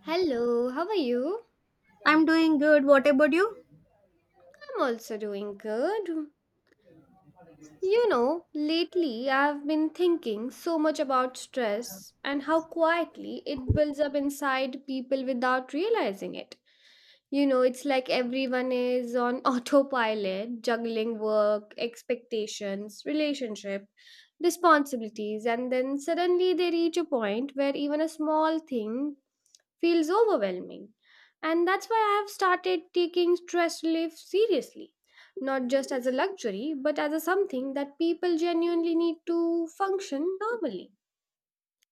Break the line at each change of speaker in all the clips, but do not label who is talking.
Hello, how are you?
I'm doing good. What about you?
I'm also doing good. You know, lately I've been thinking so much about stress and how quietly it builds up inside people without realizing it. You know, it's like everyone is on autopilot, juggling work, expectations, relationship, responsibilities, and then suddenly they reach a point where even a small thing feels overwhelming. And that's why I have started taking stress relief seriously, not just as a luxury, but as a something that people genuinely need to function normally.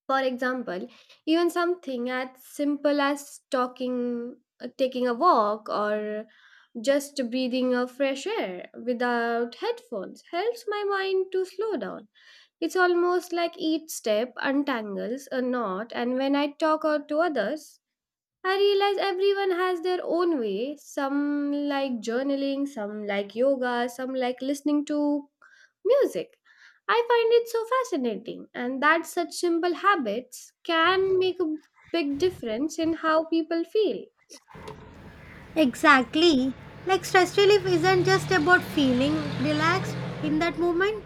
For example, even something as simple as talking, taking a walk, or just breathing of fresh air without headphones helps my mind to slow down. It's almost like each step untangles a knot, and when I talk out to others, I realize everyone has their own way. Some like journaling, some like yoga, some like listening to music. I find it so fascinating, and that such simple habits can make a big difference in how people feel.
Exactly. Like stress relief isn't just about feeling relaxed in that moment,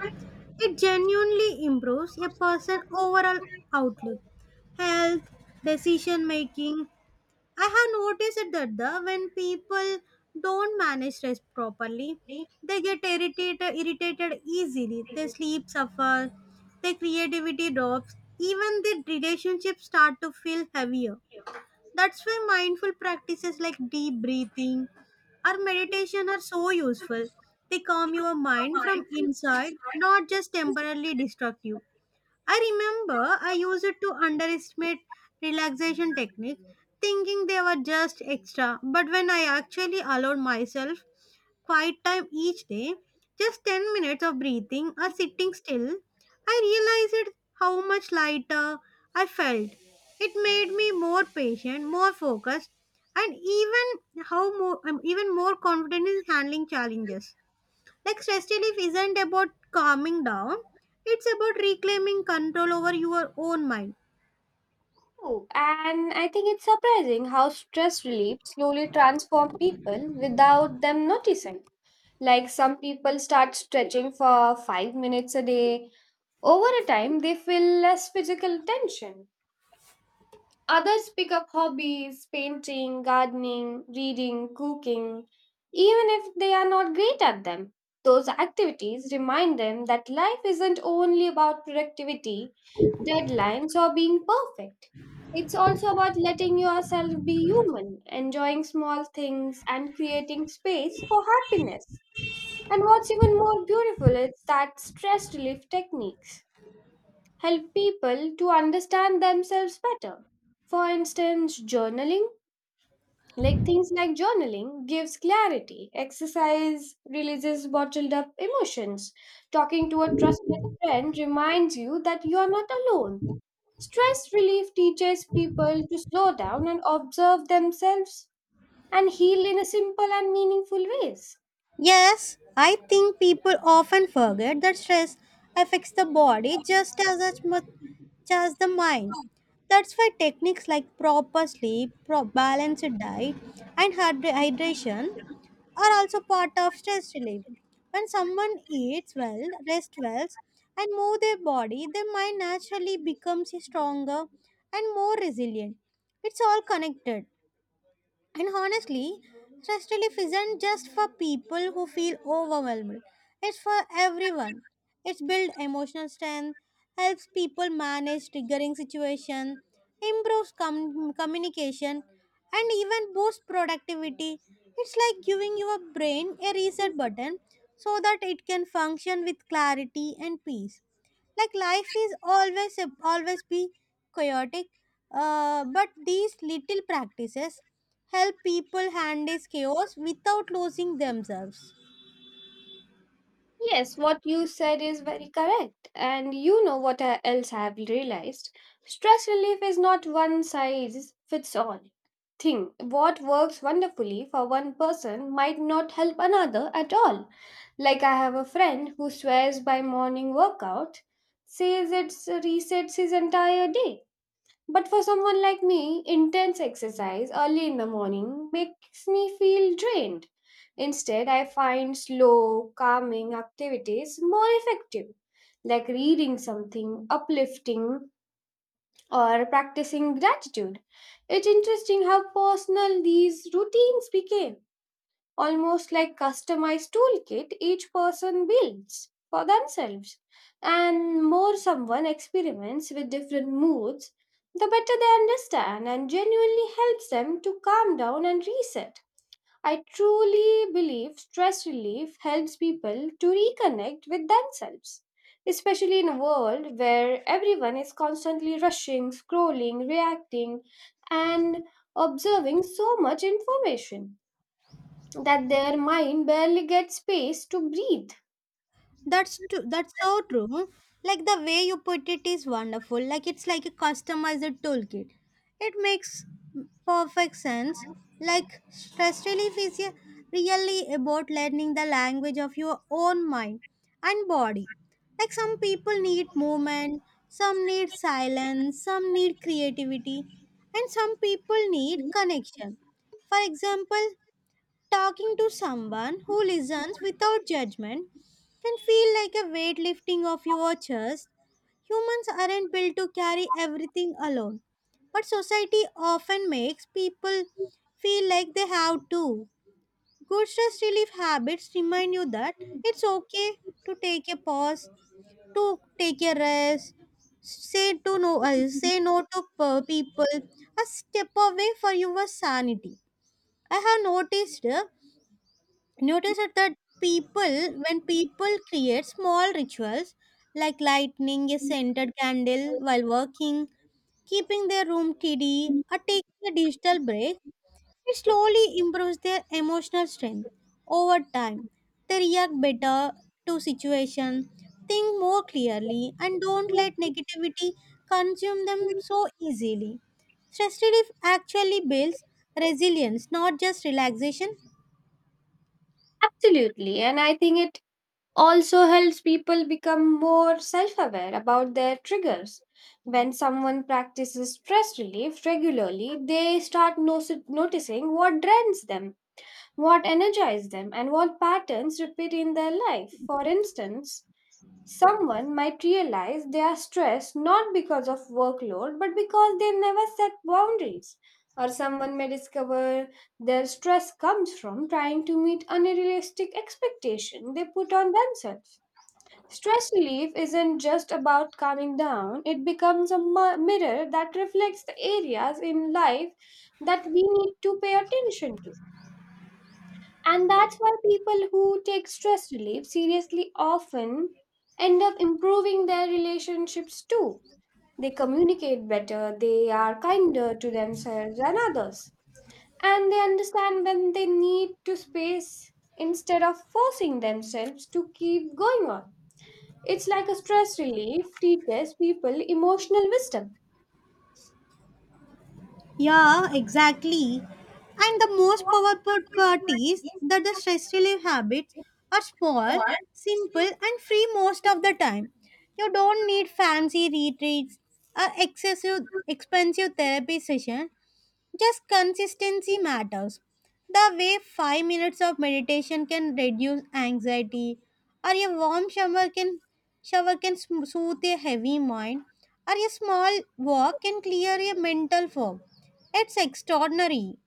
it genuinely improves a person's overall outlook, health, decision making. I have noticed it that the when people don't manage stress properly, they get irritated easily. They sleep suffer, their creativity drops, even their relationships start to feel heavier. That's why mindful practices like deep breathing or meditation are so useful. They calm your mind from inside, not just temporarily destructive. I remember I used to underestimate relaxation techniques, thinking they were just extra. But when I actually allowed myself quiet time each day, just 10 minutes of breathing or sitting still, I realized how much lighter I felt. It made me more patient, more focused, and even more confident in handling challenges. Like stress relief isn't about calming down, it's about reclaiming control over your own mind.
Oh, and I think it's surprising how stress relief slowly transforms people without them noticing. Like some people start stretching for 5 minutes a day. Over a time, they feel less physical tension. Others pick up hobbies, painting, gardening, reading, cooking, even if they are not great at them. Those activities remind them that life isn't only about productivity, deadlines, or being perfect. It's also about letting yourself be human, enjoying small things, and creating space for happiness. And what's even more beautiful is that stress relief techniques help people to understand themselves better. For instance, journaling, things like journaling, gives clarity. Exercise releases bottled up emotions. Talking to a trusted friend reminds you that you are not alone. Stress relief teaches people to slow down and observe themselves and heal in a simple and meaningful ways.
Yes, I think people often forget that stress affects the body just as much as the mind. That's why techniques like proper sleep, balanced diet, and hydration are also part of stress relief. When someone eats well, rests well, and moves their body, their mind naturally becomes stronger and more resilient. It's all connected. And honestly, stress relief isn't just for people who feel overwhelmed. It's for everyone. It's build emotional strength, helps people manage triggering situations, improves communication, and even boosts productivity. It's like giving your brain a reset button so that it can function with clarity and peace like life is always always be chaotic, but these little practices help people handle chaos without losing themselves.
Yes, what you said is very correct. And you know what else I have realized? Stress relief is not one size fits all thing. What works wonderfully for one person might not help another at all. Like I have a friend who swears by morning workout, says it resets his entire day. But for someone like me, intense exercise early in the morning makes me feel drained. Instead, I find slow, calming activities more effective, like reading something uplifting or practicing gratitude. It's interesting how personal these routines became, almost like customized toolkit each person builds for themselves. And more someone experiments with different moods, the better they understand and genuinely helps them to calm down and reset. I truly believe stress relief helps people to reconnect with themselves, especially in a world where everyone is constantly rushing, scrolling, reacting, and observing so much information that their mind barely gets space to breathe.
That's true. That's so true. Like the way you put it is wonderful. Like it's like a customized toolkit. It makes perfect sense. Like stress relief really about learning the language of your own mind and body. Like some people need movement, some need silence, some need creativity, and some people need connection. For example, talking to someone who listens without judgment can feel like a weightlifting of your chest. Humans aren't built to carry everything alone, but society often makes people feel like they have to. Good stress relief habits remind you that it's okay to take a pause, to take a rest, say no to people, a step away for your sanity. I have noticed notice it that people when people create small rituals like lighting a scented candle while working, keeping their room tidy or taking a digital break, it slowly improves their emotional strength over time. They react better to situations, think more clearly and don't let negativity consume them so easily. Stress relief actually builds resilience, not just relaxation.
Absolutely. And I think it also helps people become more self aware about their triggers. When someone practices stress relief regularly, they start noticing what drains them, what energizes them, and what patterns repeat in their life. For instance, someone might realize they are stressed not because of workload but because they never set boundaries. Or someone may discover their stress comes from trying to meet unrealistic expectations they put on themselves. Stress relief isn't just about calming down, it becomes a mirror that reflects the areas in life that we need to pay attention to. And that's why people who take stress relief seriously often end up improving their relationships too. They communicate better, they are kinder to themselves and others, and they understand when they need to space instead of forcing themselves to keep going on. It's like a stress relief teaches people emotional wisdom.
Yeah, exactly. And the most powerful part is that the stress relief habits are small, simple, and free most of the time. You don't need fancy retreats or excessive expensive therapy session. Just consistency matters. The way 5 minutes of meditation can reduce anxiety, or a shower can soothe a heavy mind, or a small walk can clear a mental fog. It's extraordinary.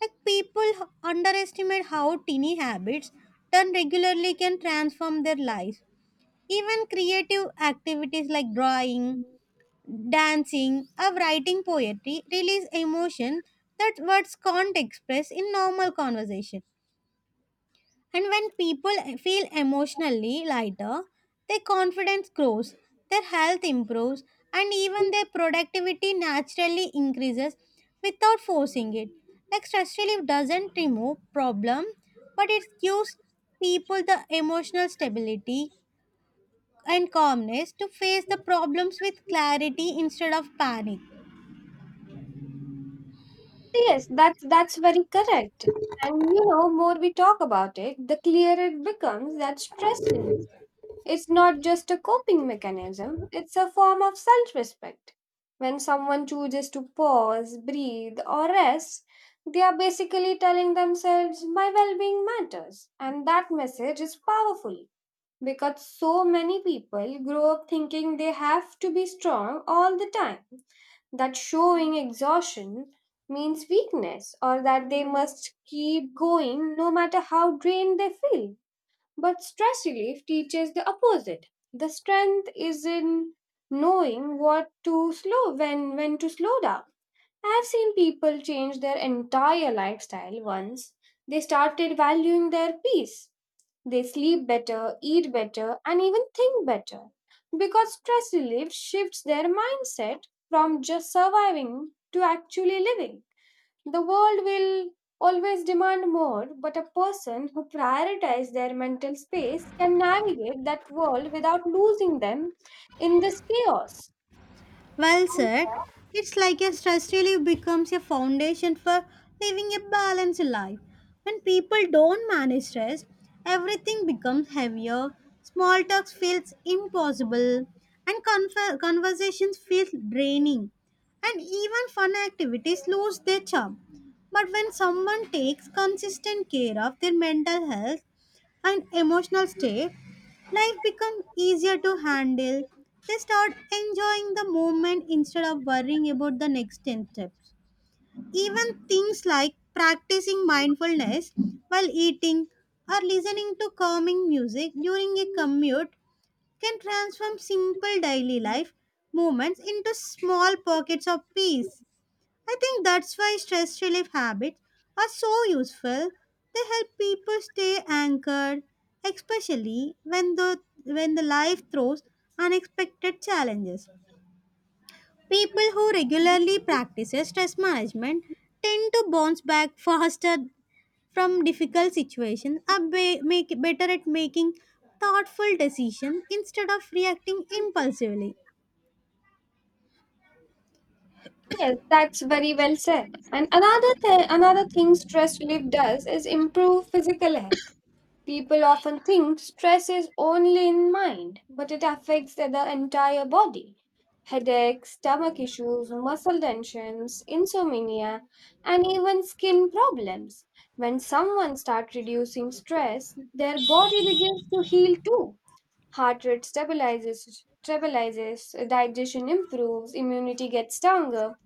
Like people underestimate how tiny habits done regularly can transform their lives. Even creative activities like drawing, dancing, or writing poetry release emotion that words can't express in normal conversation. And when people feel emotionally lighter, their confidence grows, their health improves, and even their productivity naturally increases without forcing it. Like stress relief doesn't remove problem, but it gives people the emotional stability and calmness to face the problems with clarity instead of panic.
Yes, that's very correct. And you know, more we talk about it, the clearer it becomes that stress relief, it's not just a coping mechanism, it's a form of self respect. When someone chooses to pause, breathe, or rest, they are basically telling themselves, "My well being matters." And that message is powerful because so many people grow up thinking they have to be strong all the time, that showing exhaustion means weakness, or that they must keep going no matter how drained they feel. But stress relief teaches the opposite. The strength is in knowing what to slow when to slow down. I've seen people change their entire lifestyle once they started valuing their peace. They sleep better, eat better, and even think better. Because stress relief shifts their mindset from just surviving to actually living. The world will always demand more, but a person who prioritizes their mental space can navigate that world without losing them in this chaos.
Well said. It's like a stress relief becomes a foundation for living a balanced life. When people don't manage stress, everything becomes heavier, small talks feels impossible, and conversations feel draining, and even fun activities lose their charm. But when someone takes consistent care of their mental health, and emotional state, life becomes easier to handle. They start enjoying the moment instead of worrying about the next 10 steps. Even things like practicing mindfulness while eating or listening to calming music during a commute can transform simple daily life moments into small pockets of peace. I think that's why stress relief habits are so useful. They help people stay anchored, especially when the life throws unexpected challenges. People who regularly practice stress management tend to bounce back faster from difficult situations and make better at making thoughtful decisions instead of reacting impulsively.
Yes, that's very well said. And another thing stress relief does is improve physical health. People often think stress is only in mind, but it affects the entire body. Headaches, stomach issues, muscle tensions, insomnia, and even skin problems. When someone starts reducing stress, their body begins to heal too. Heart rate stabilizes, digestion improves, immunity gets stronger,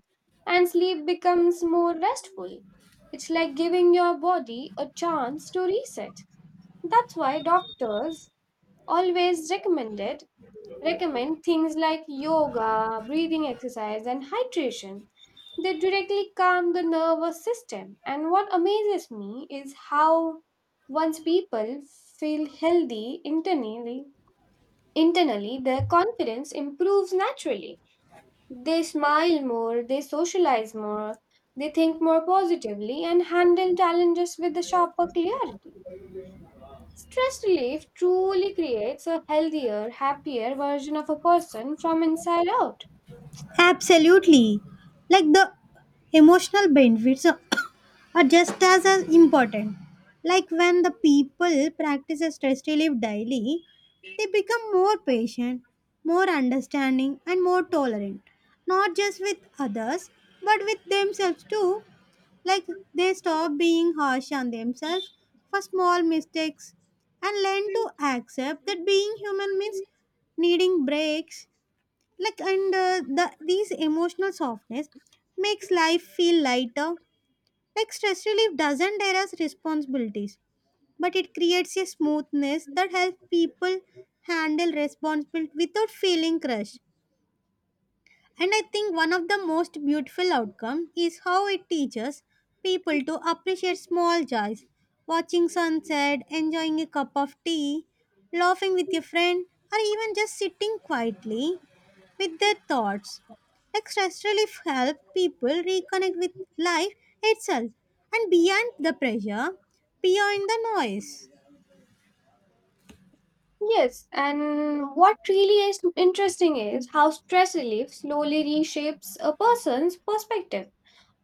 and sleep becomes more restful. It's like giving your body a chance to reset. That's why doctors always recommend things like yoga, breathing exercise and hydration. They directly calm the nervous system. And what amazes me is how once people feel healthy internally, their confidence improves naturally. They smile more, they socialize more, they think more positively and handle challenges with a sharper clarity. Stress relief truly creates a healthier, happier version of a person from inside out.
Absolutely. Like the emotional benefits are are just as important. Like when the people practice a stress relief daily, they become more patient, more understanding, and more tolerant. Not just with others, but with themselves too. Like they stop being harsh on themselves for small mistakes and learn to accept that being human means needing breaks like and The these emotional softness makes life feel lighter. Like stress relief doesn't dare us responsibilities, but it creates a smoothness that helps people handle responsibility without feeling crushed. And I think one of the most beautiful outcome is how it teaches people to appreciate small joys, watching sunset, enjoying a cup of tea, laughing with a friend, or even just sitting quietly with their thoughts. Exercise relief helps people reconnect with life itself and beyond the pressure, beyond the noise.
Yes, and what really is interesting is how stress relief slowly reshapes a person's perspective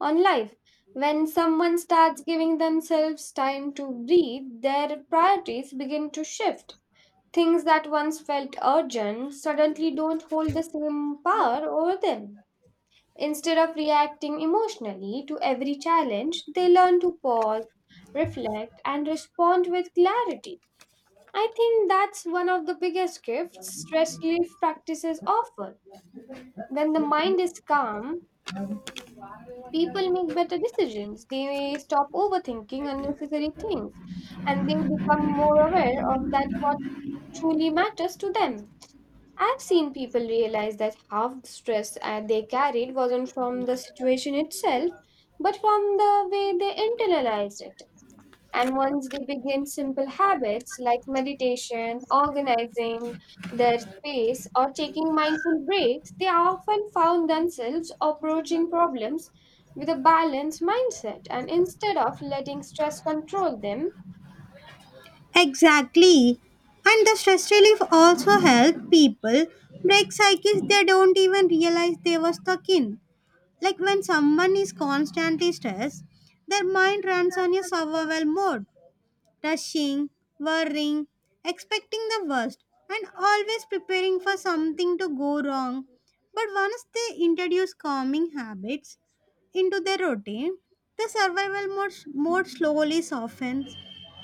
on life. When someone starts giving themselves time to breathe, their priorities begin to shift. Things that once felt urgent suddenly don't hold the same power over them. Instead of reacting emotionally to every challenge, they learn to pause, reflect, and respond with clarity. I think that's one of the biggest gifts stress relief practices offer. When the mind is calm, people make better decisions. They stop overthinking unnecessary things and they become more aware of that what truly matters to them. I've seen people realize that half the stress they carried wasn't from the situation itself, but from the way they internalized it. And once they begin simple habits like meditation, organizing their space, or taking mindful breaks, they often found themselves approaching problems with a balanced mindset. And instead of letting stress control them.
Exactly. And the stress relief also helps people break cycles they don't even realize they were stuck in. Like when someone is constantly stressed, their mind runs on a survival mode, rushing, worrying, expecting the worst, and always preparing for something to go wrong. But once they introduce calming habits into their routine, the survival mode slowly softens.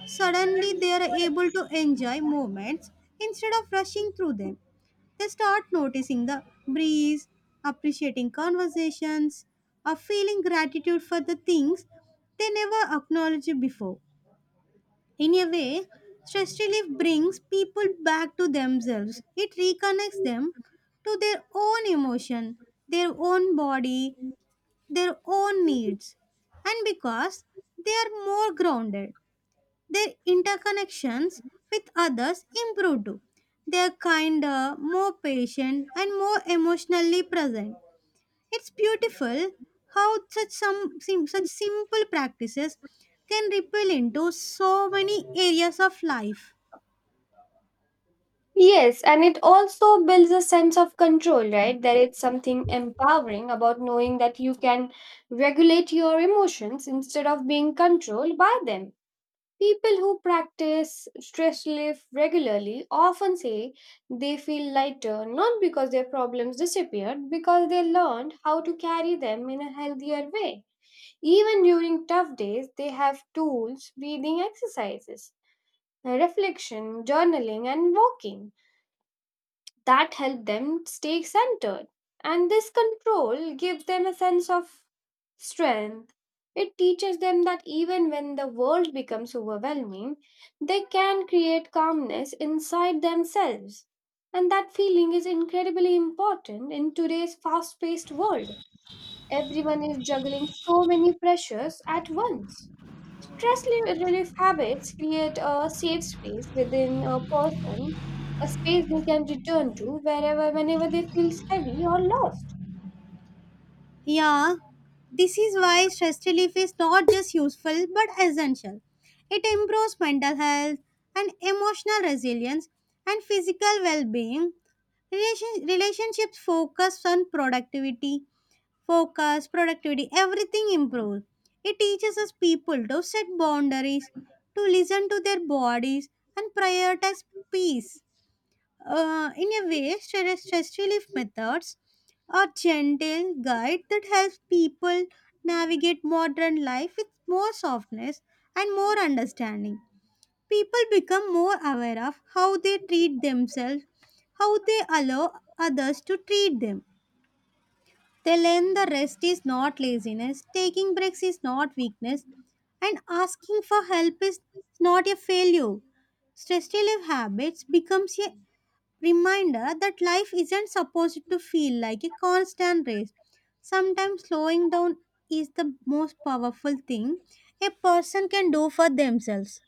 Suddenly, they are able to enjoy moments instead of rushing through them. They start noticing the breeze, appreciating conversations, or feeling gratitude for the things they never acknowledged before. In a way, stress relief brings people back to themselves. It reconnects them to their own emotion, their own body, their own needs. And because they are more grounded, their interconnections with others improve too. They are kinder, more patient, and more emotionally present. It's beautiful how such simple practices can ripple into so many areas of life.
Yes, and it also builds a sense of control, right? There is something empowering about knowing that you can regulate your emotions instead of being controlled by them. People who practice stress relief regularly often say they feel lighter, not because their problems disappeared, because they learned how to carry them in a healthier way. Even during tough days, they have tools, breathing exercises, reflection, journaling, and walking that help them stay centered. And this control gives them a sense of strength. It teaches them that even when the world becomes overwhelming, they can create calmness inside themselves. And that feeling is incredibly important in today's fast paced world. Everyone is juggling so many pressures at once. Stress relief habits create a safe space within a person, a space they can return to wherever, whenever they feel heavy or lost.
Yeah, this is why stress relief is not just useful but essential. It improves mental health and emotional resilience and physical well-being. Relationships focus on productivity focus, productivity, everything improves. It teaches us people to set boundaries, to listen to their bodies, and prioritize peace. In a way, stress relief methods are gentle guide that helps people navigate modern life with more softness and more understanding. People become more aware of how they treat themselves, how they allow others to treat them. They learn the rest is not laziness, taking breaks is not weakness, and asking for help is not a failure. Stress relief habits becomes a reminder that life isn't supposed to feel like a constant race. Sometimes slowing down is the most powerful thing a person can do for themselves.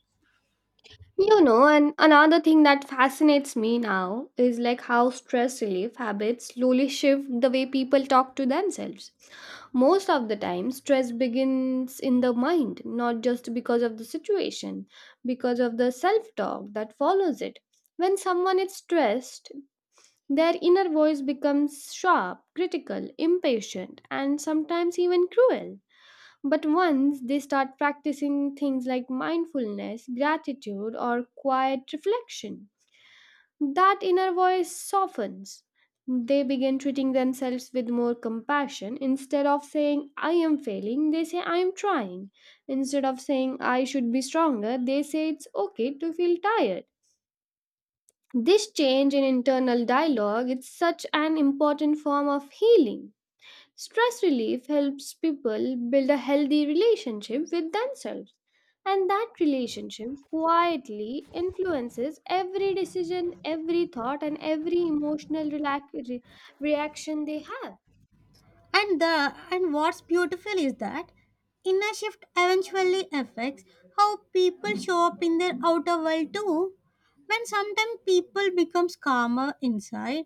You know, and another thing that fascinates me now is like how stress relief habits slowly shift the way people talk to themselves. Most of the time, stress begins in the mind, not just because of the situation, because of the self talk that follows it. When someone is stressed, their inner voice becomes sharp, critical, impatient, and sometimes even cruel. But once they start practicing things like mindfulness, gratitude, or quiet reflection, that inner voice softens. They begin treating themselves with more compassion. Instead of saying, "I am failing," they say, "I am trying." Instead of saying, "I should be stronger," they say, "It's okay to feel tired." This change in internal dialogue is such an important form of healing. Stress relief helps people build a healthy relationship with themselves, and that relationship quietly influences every decision, every thought, and every emotional reaction they have.
And what's beautiful is that inner shift eventually affects how people show up in their outer world too. When sometimes people becomes calmer inside,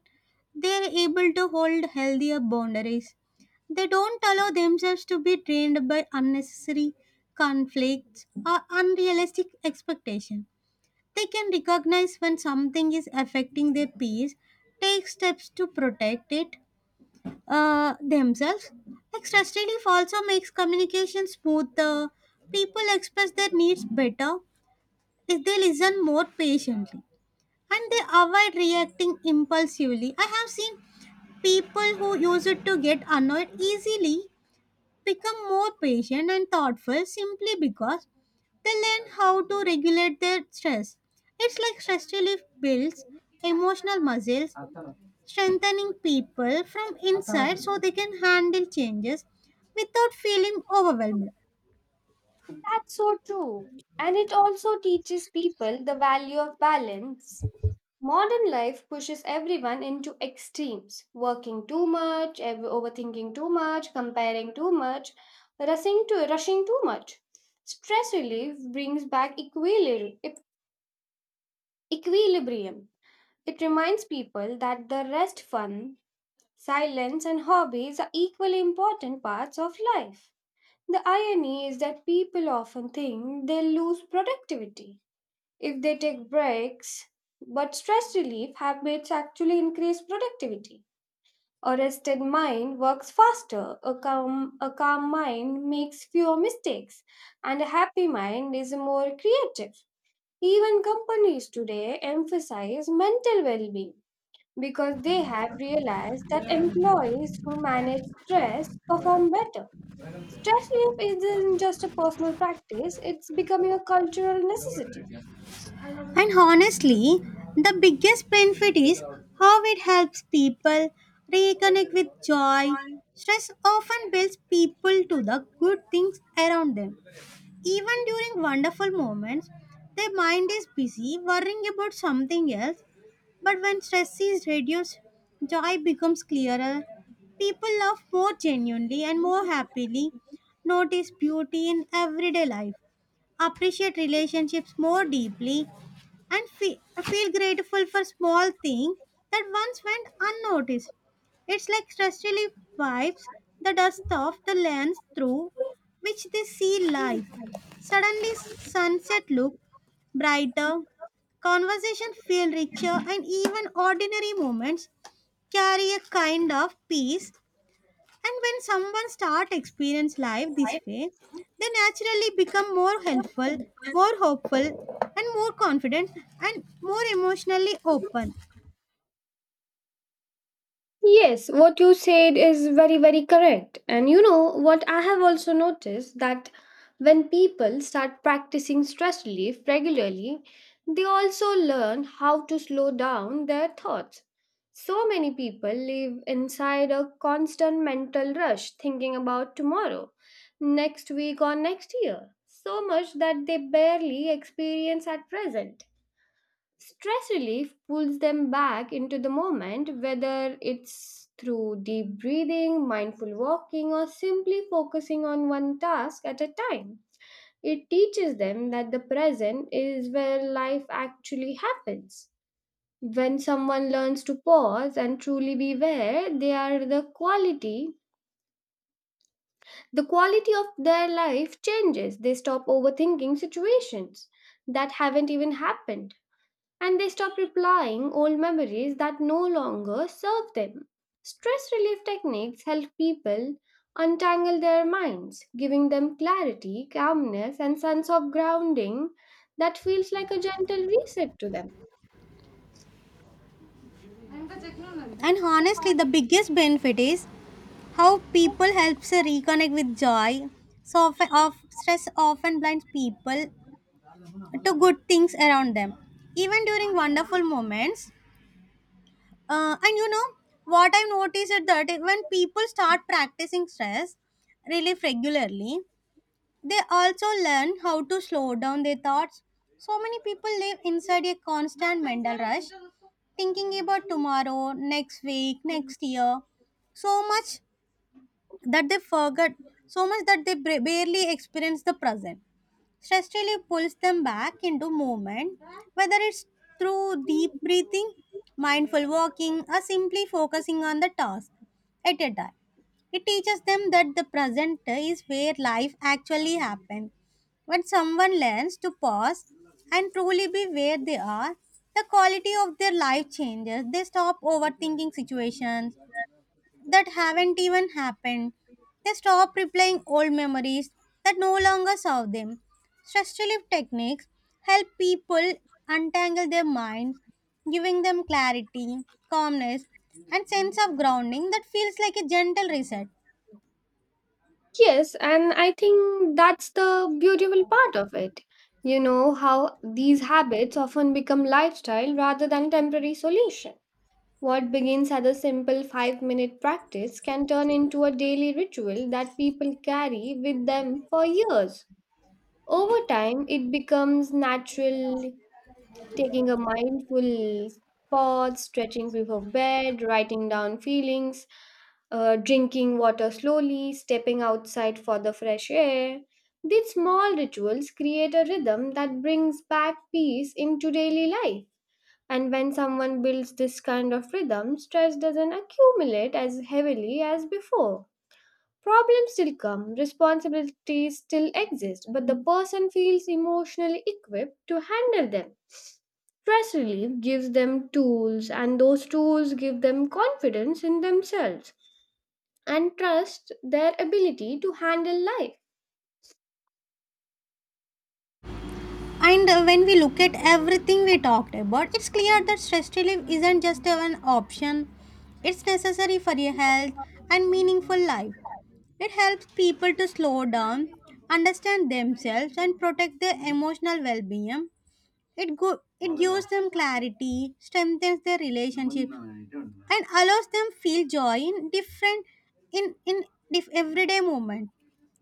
they are able to hold healthier boundaries. They don't allow themselves to be drained by unnecessary conflicts or unrealistic expectations. They can recognize when something is affecting their peace, take steps to protect themselves. Like stress relief also makes communication smoother. People express their needs better if they listen more patiently and they avoid reacting impulsively. I have seen people who use it to get annoyed easily become more patient and thoughtful simply because they learn how to regulate their stress. It's like stress relief builds emotional muscles strengthening people from inside so they can handle changes without feeling overwhelmed.
That's so true. And it also teaches people the value of balance. Modern life pushes everyone into extremes working too much, overthinking too much, comparing too much, rushing too much. Stress relief brings back equilibrium. It reminds people that the rest, fun, silence, and hobbies are equally important parts of life. The irony is that people often think they'll lose productivity if they take breaks, but stress relief habits actually increase productivity. A rested mind works faster, a calm mind makes fewer mistakes, and a happy mind is more creative. Even companies today emphasize mental well being because they have realized that employees who manage stress perform better. Stress relief isn't just a personal practice, it's becoming a cultural necessity.
And honestly, the biggest benefit is how it helps people reconnect with joy. Stress often builds people to the good things around them. Even during wonderful moments, their mind is busy worrying about something else. But when stress is reduced, joy becomes clearer. People love more genuinely and more happily, notice beauty in everyday life, appreciate relationships more deeply, and feel grateful for small things that once went unnoticed. It's like stress relief wipes the dust off the lens through which they see life. Suddenly, sunset look brighter, conversation feel richer and even ordinary moments carry a kind of peace. And when someone start experience life this way, they naturally become more helpful, more hopeful, and more confident, and more emotionally open.
Yes, what you said is very, very correct. And you know what I have also noticed that when people start practicing stress relief regularly, they also learn how to slow down their thoughts. So many people live inside a constant mental rush thinking about tomorrow, next week, or next year, so much that they barely experience at present. Stress relief pulls them back into the moment, whether it's through deep breathing, mindful walking, or simply focusing on one task at a time. It teaches them that the present is where life actually happens. When someone learns to pause and truly be where they are, the quality of their life changes. They stop overthinking situations that haven't even happened and they stop replying old memories that no longer serve them. Stress relief techniques help people untangle their minds, giving them clarity, calmness, and sense of grounding that feels like a gentle reset to them.
And honestly, the biggest benefit is how people helps to reconnect with joy. So often of stress often blinds people to good things around them, even during wonderful moments. And you know what I've noticed is that when people start practicing stress relief regularly, they also learn how to slow down their thoughts. So many people live inside a constant mental rush, thinking about tomorrow, next week, next year, so much that they forget, so much that they barely experience the present. Stress relief pulls them back into movement, whether it's through deep breathing, mindful walking, or simply focusing on the task at a time. It teaches them that the present is where life actually happens. When someone learns to pause and truly be where they are, the quality of their life changes. They stop overthinking situations that haven't even happened. They stop replaying old memories that no longer serve them. Stress relief techniques help people untangle their minds, giving them clarity, calmness, and sense of grounding that feels like a gentle reset.
Yes, and I think that's the beautiful part of it. You know how these habits often become lifestyle rather than temporary solution. What begins as a simple 5 minute practice can turn into a daily ritual that people carry with them for years. Over time, it becomes natural, taking a mindful pause, stretching before bed, writing down feelings, drinking water slowly, stepping outside for the fresh air. These small rituals create a rhythm that brings back peace into daily life. And when someone builds this kind of rhythm, stress doesn't accumulate as heavily as before. Problems still come, responsibilities still exist, but the person feels emotionally equipped to handle them. Stress relief gives them tools, and those tools give them confidence in themselves and trust their ability to handle life.
And when we look at everything we talked about, it's clear that stress relief isn't just an option, it's necessary for your health and meaningful life. It helps people to slow down, understand themselves, and protect their emotional well being. It gives them clarity, strengthens their relationship, and allows them feel joy in different in dif- everyday moment.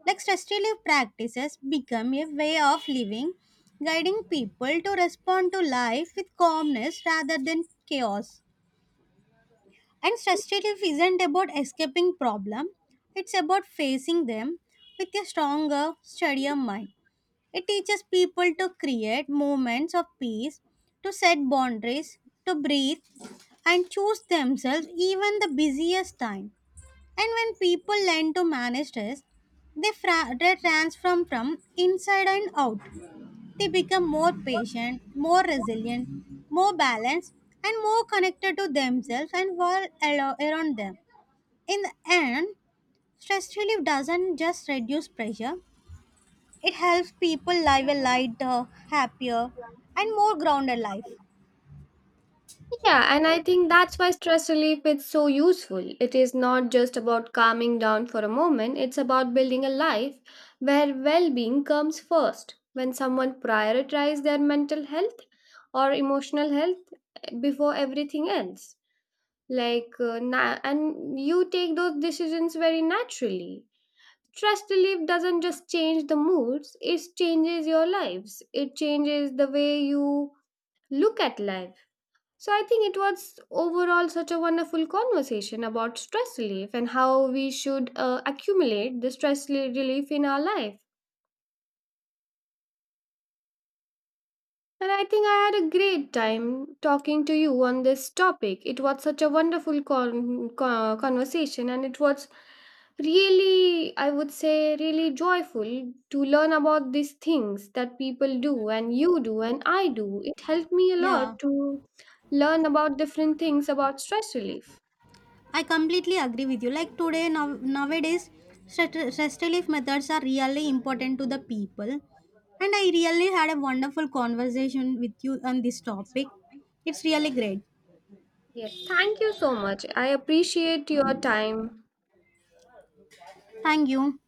Like stress relief practices become a way of living, guiding people to respond to life with calmness rather than chaos. And stress relief isn't about escaping problem, it's about facing them with a stronger, steadier mind. It teaches people to create moments of peace, to set boundaries, to breathe, and choose themselves even the busiest time. And when people learn to manage stress, they transform from inside and out. They become more patient, more resilient, more balanced, and more connected to themselves and world around them. In the end, stress relief doesn't just reduce pressure, it helps people live a lighter, happier, and more grounded life.
Yeah, and I think that's why stress relief is so useful. It is not just about calming down for a moment, it's about building a life where well being comes first. When someone prioritizes their mental health or emotional health before everything else, and you take those decisions very naturally. Stress relief doesn't just change the moods, it changes your lives, it changes the way you look at life. So I think it was overall such a wonderful conversation about stress relief and how we should accumulate the stress relief in our life. And I think I had a great time talking to you on this topic. It was such a wonderful conversation and it was really I would say really joyful to learn about these things that people do and you do and I do. It helped me a
Yeah.
lot to learn about different things about stress relief.
I completely agree with you. Like today, nowadays, stress relief methods are really important to the people. And I really had a wonderful conversation with you on this topic. It's really great.
Yes, thank you so much. I appreciate your time.
Thank you.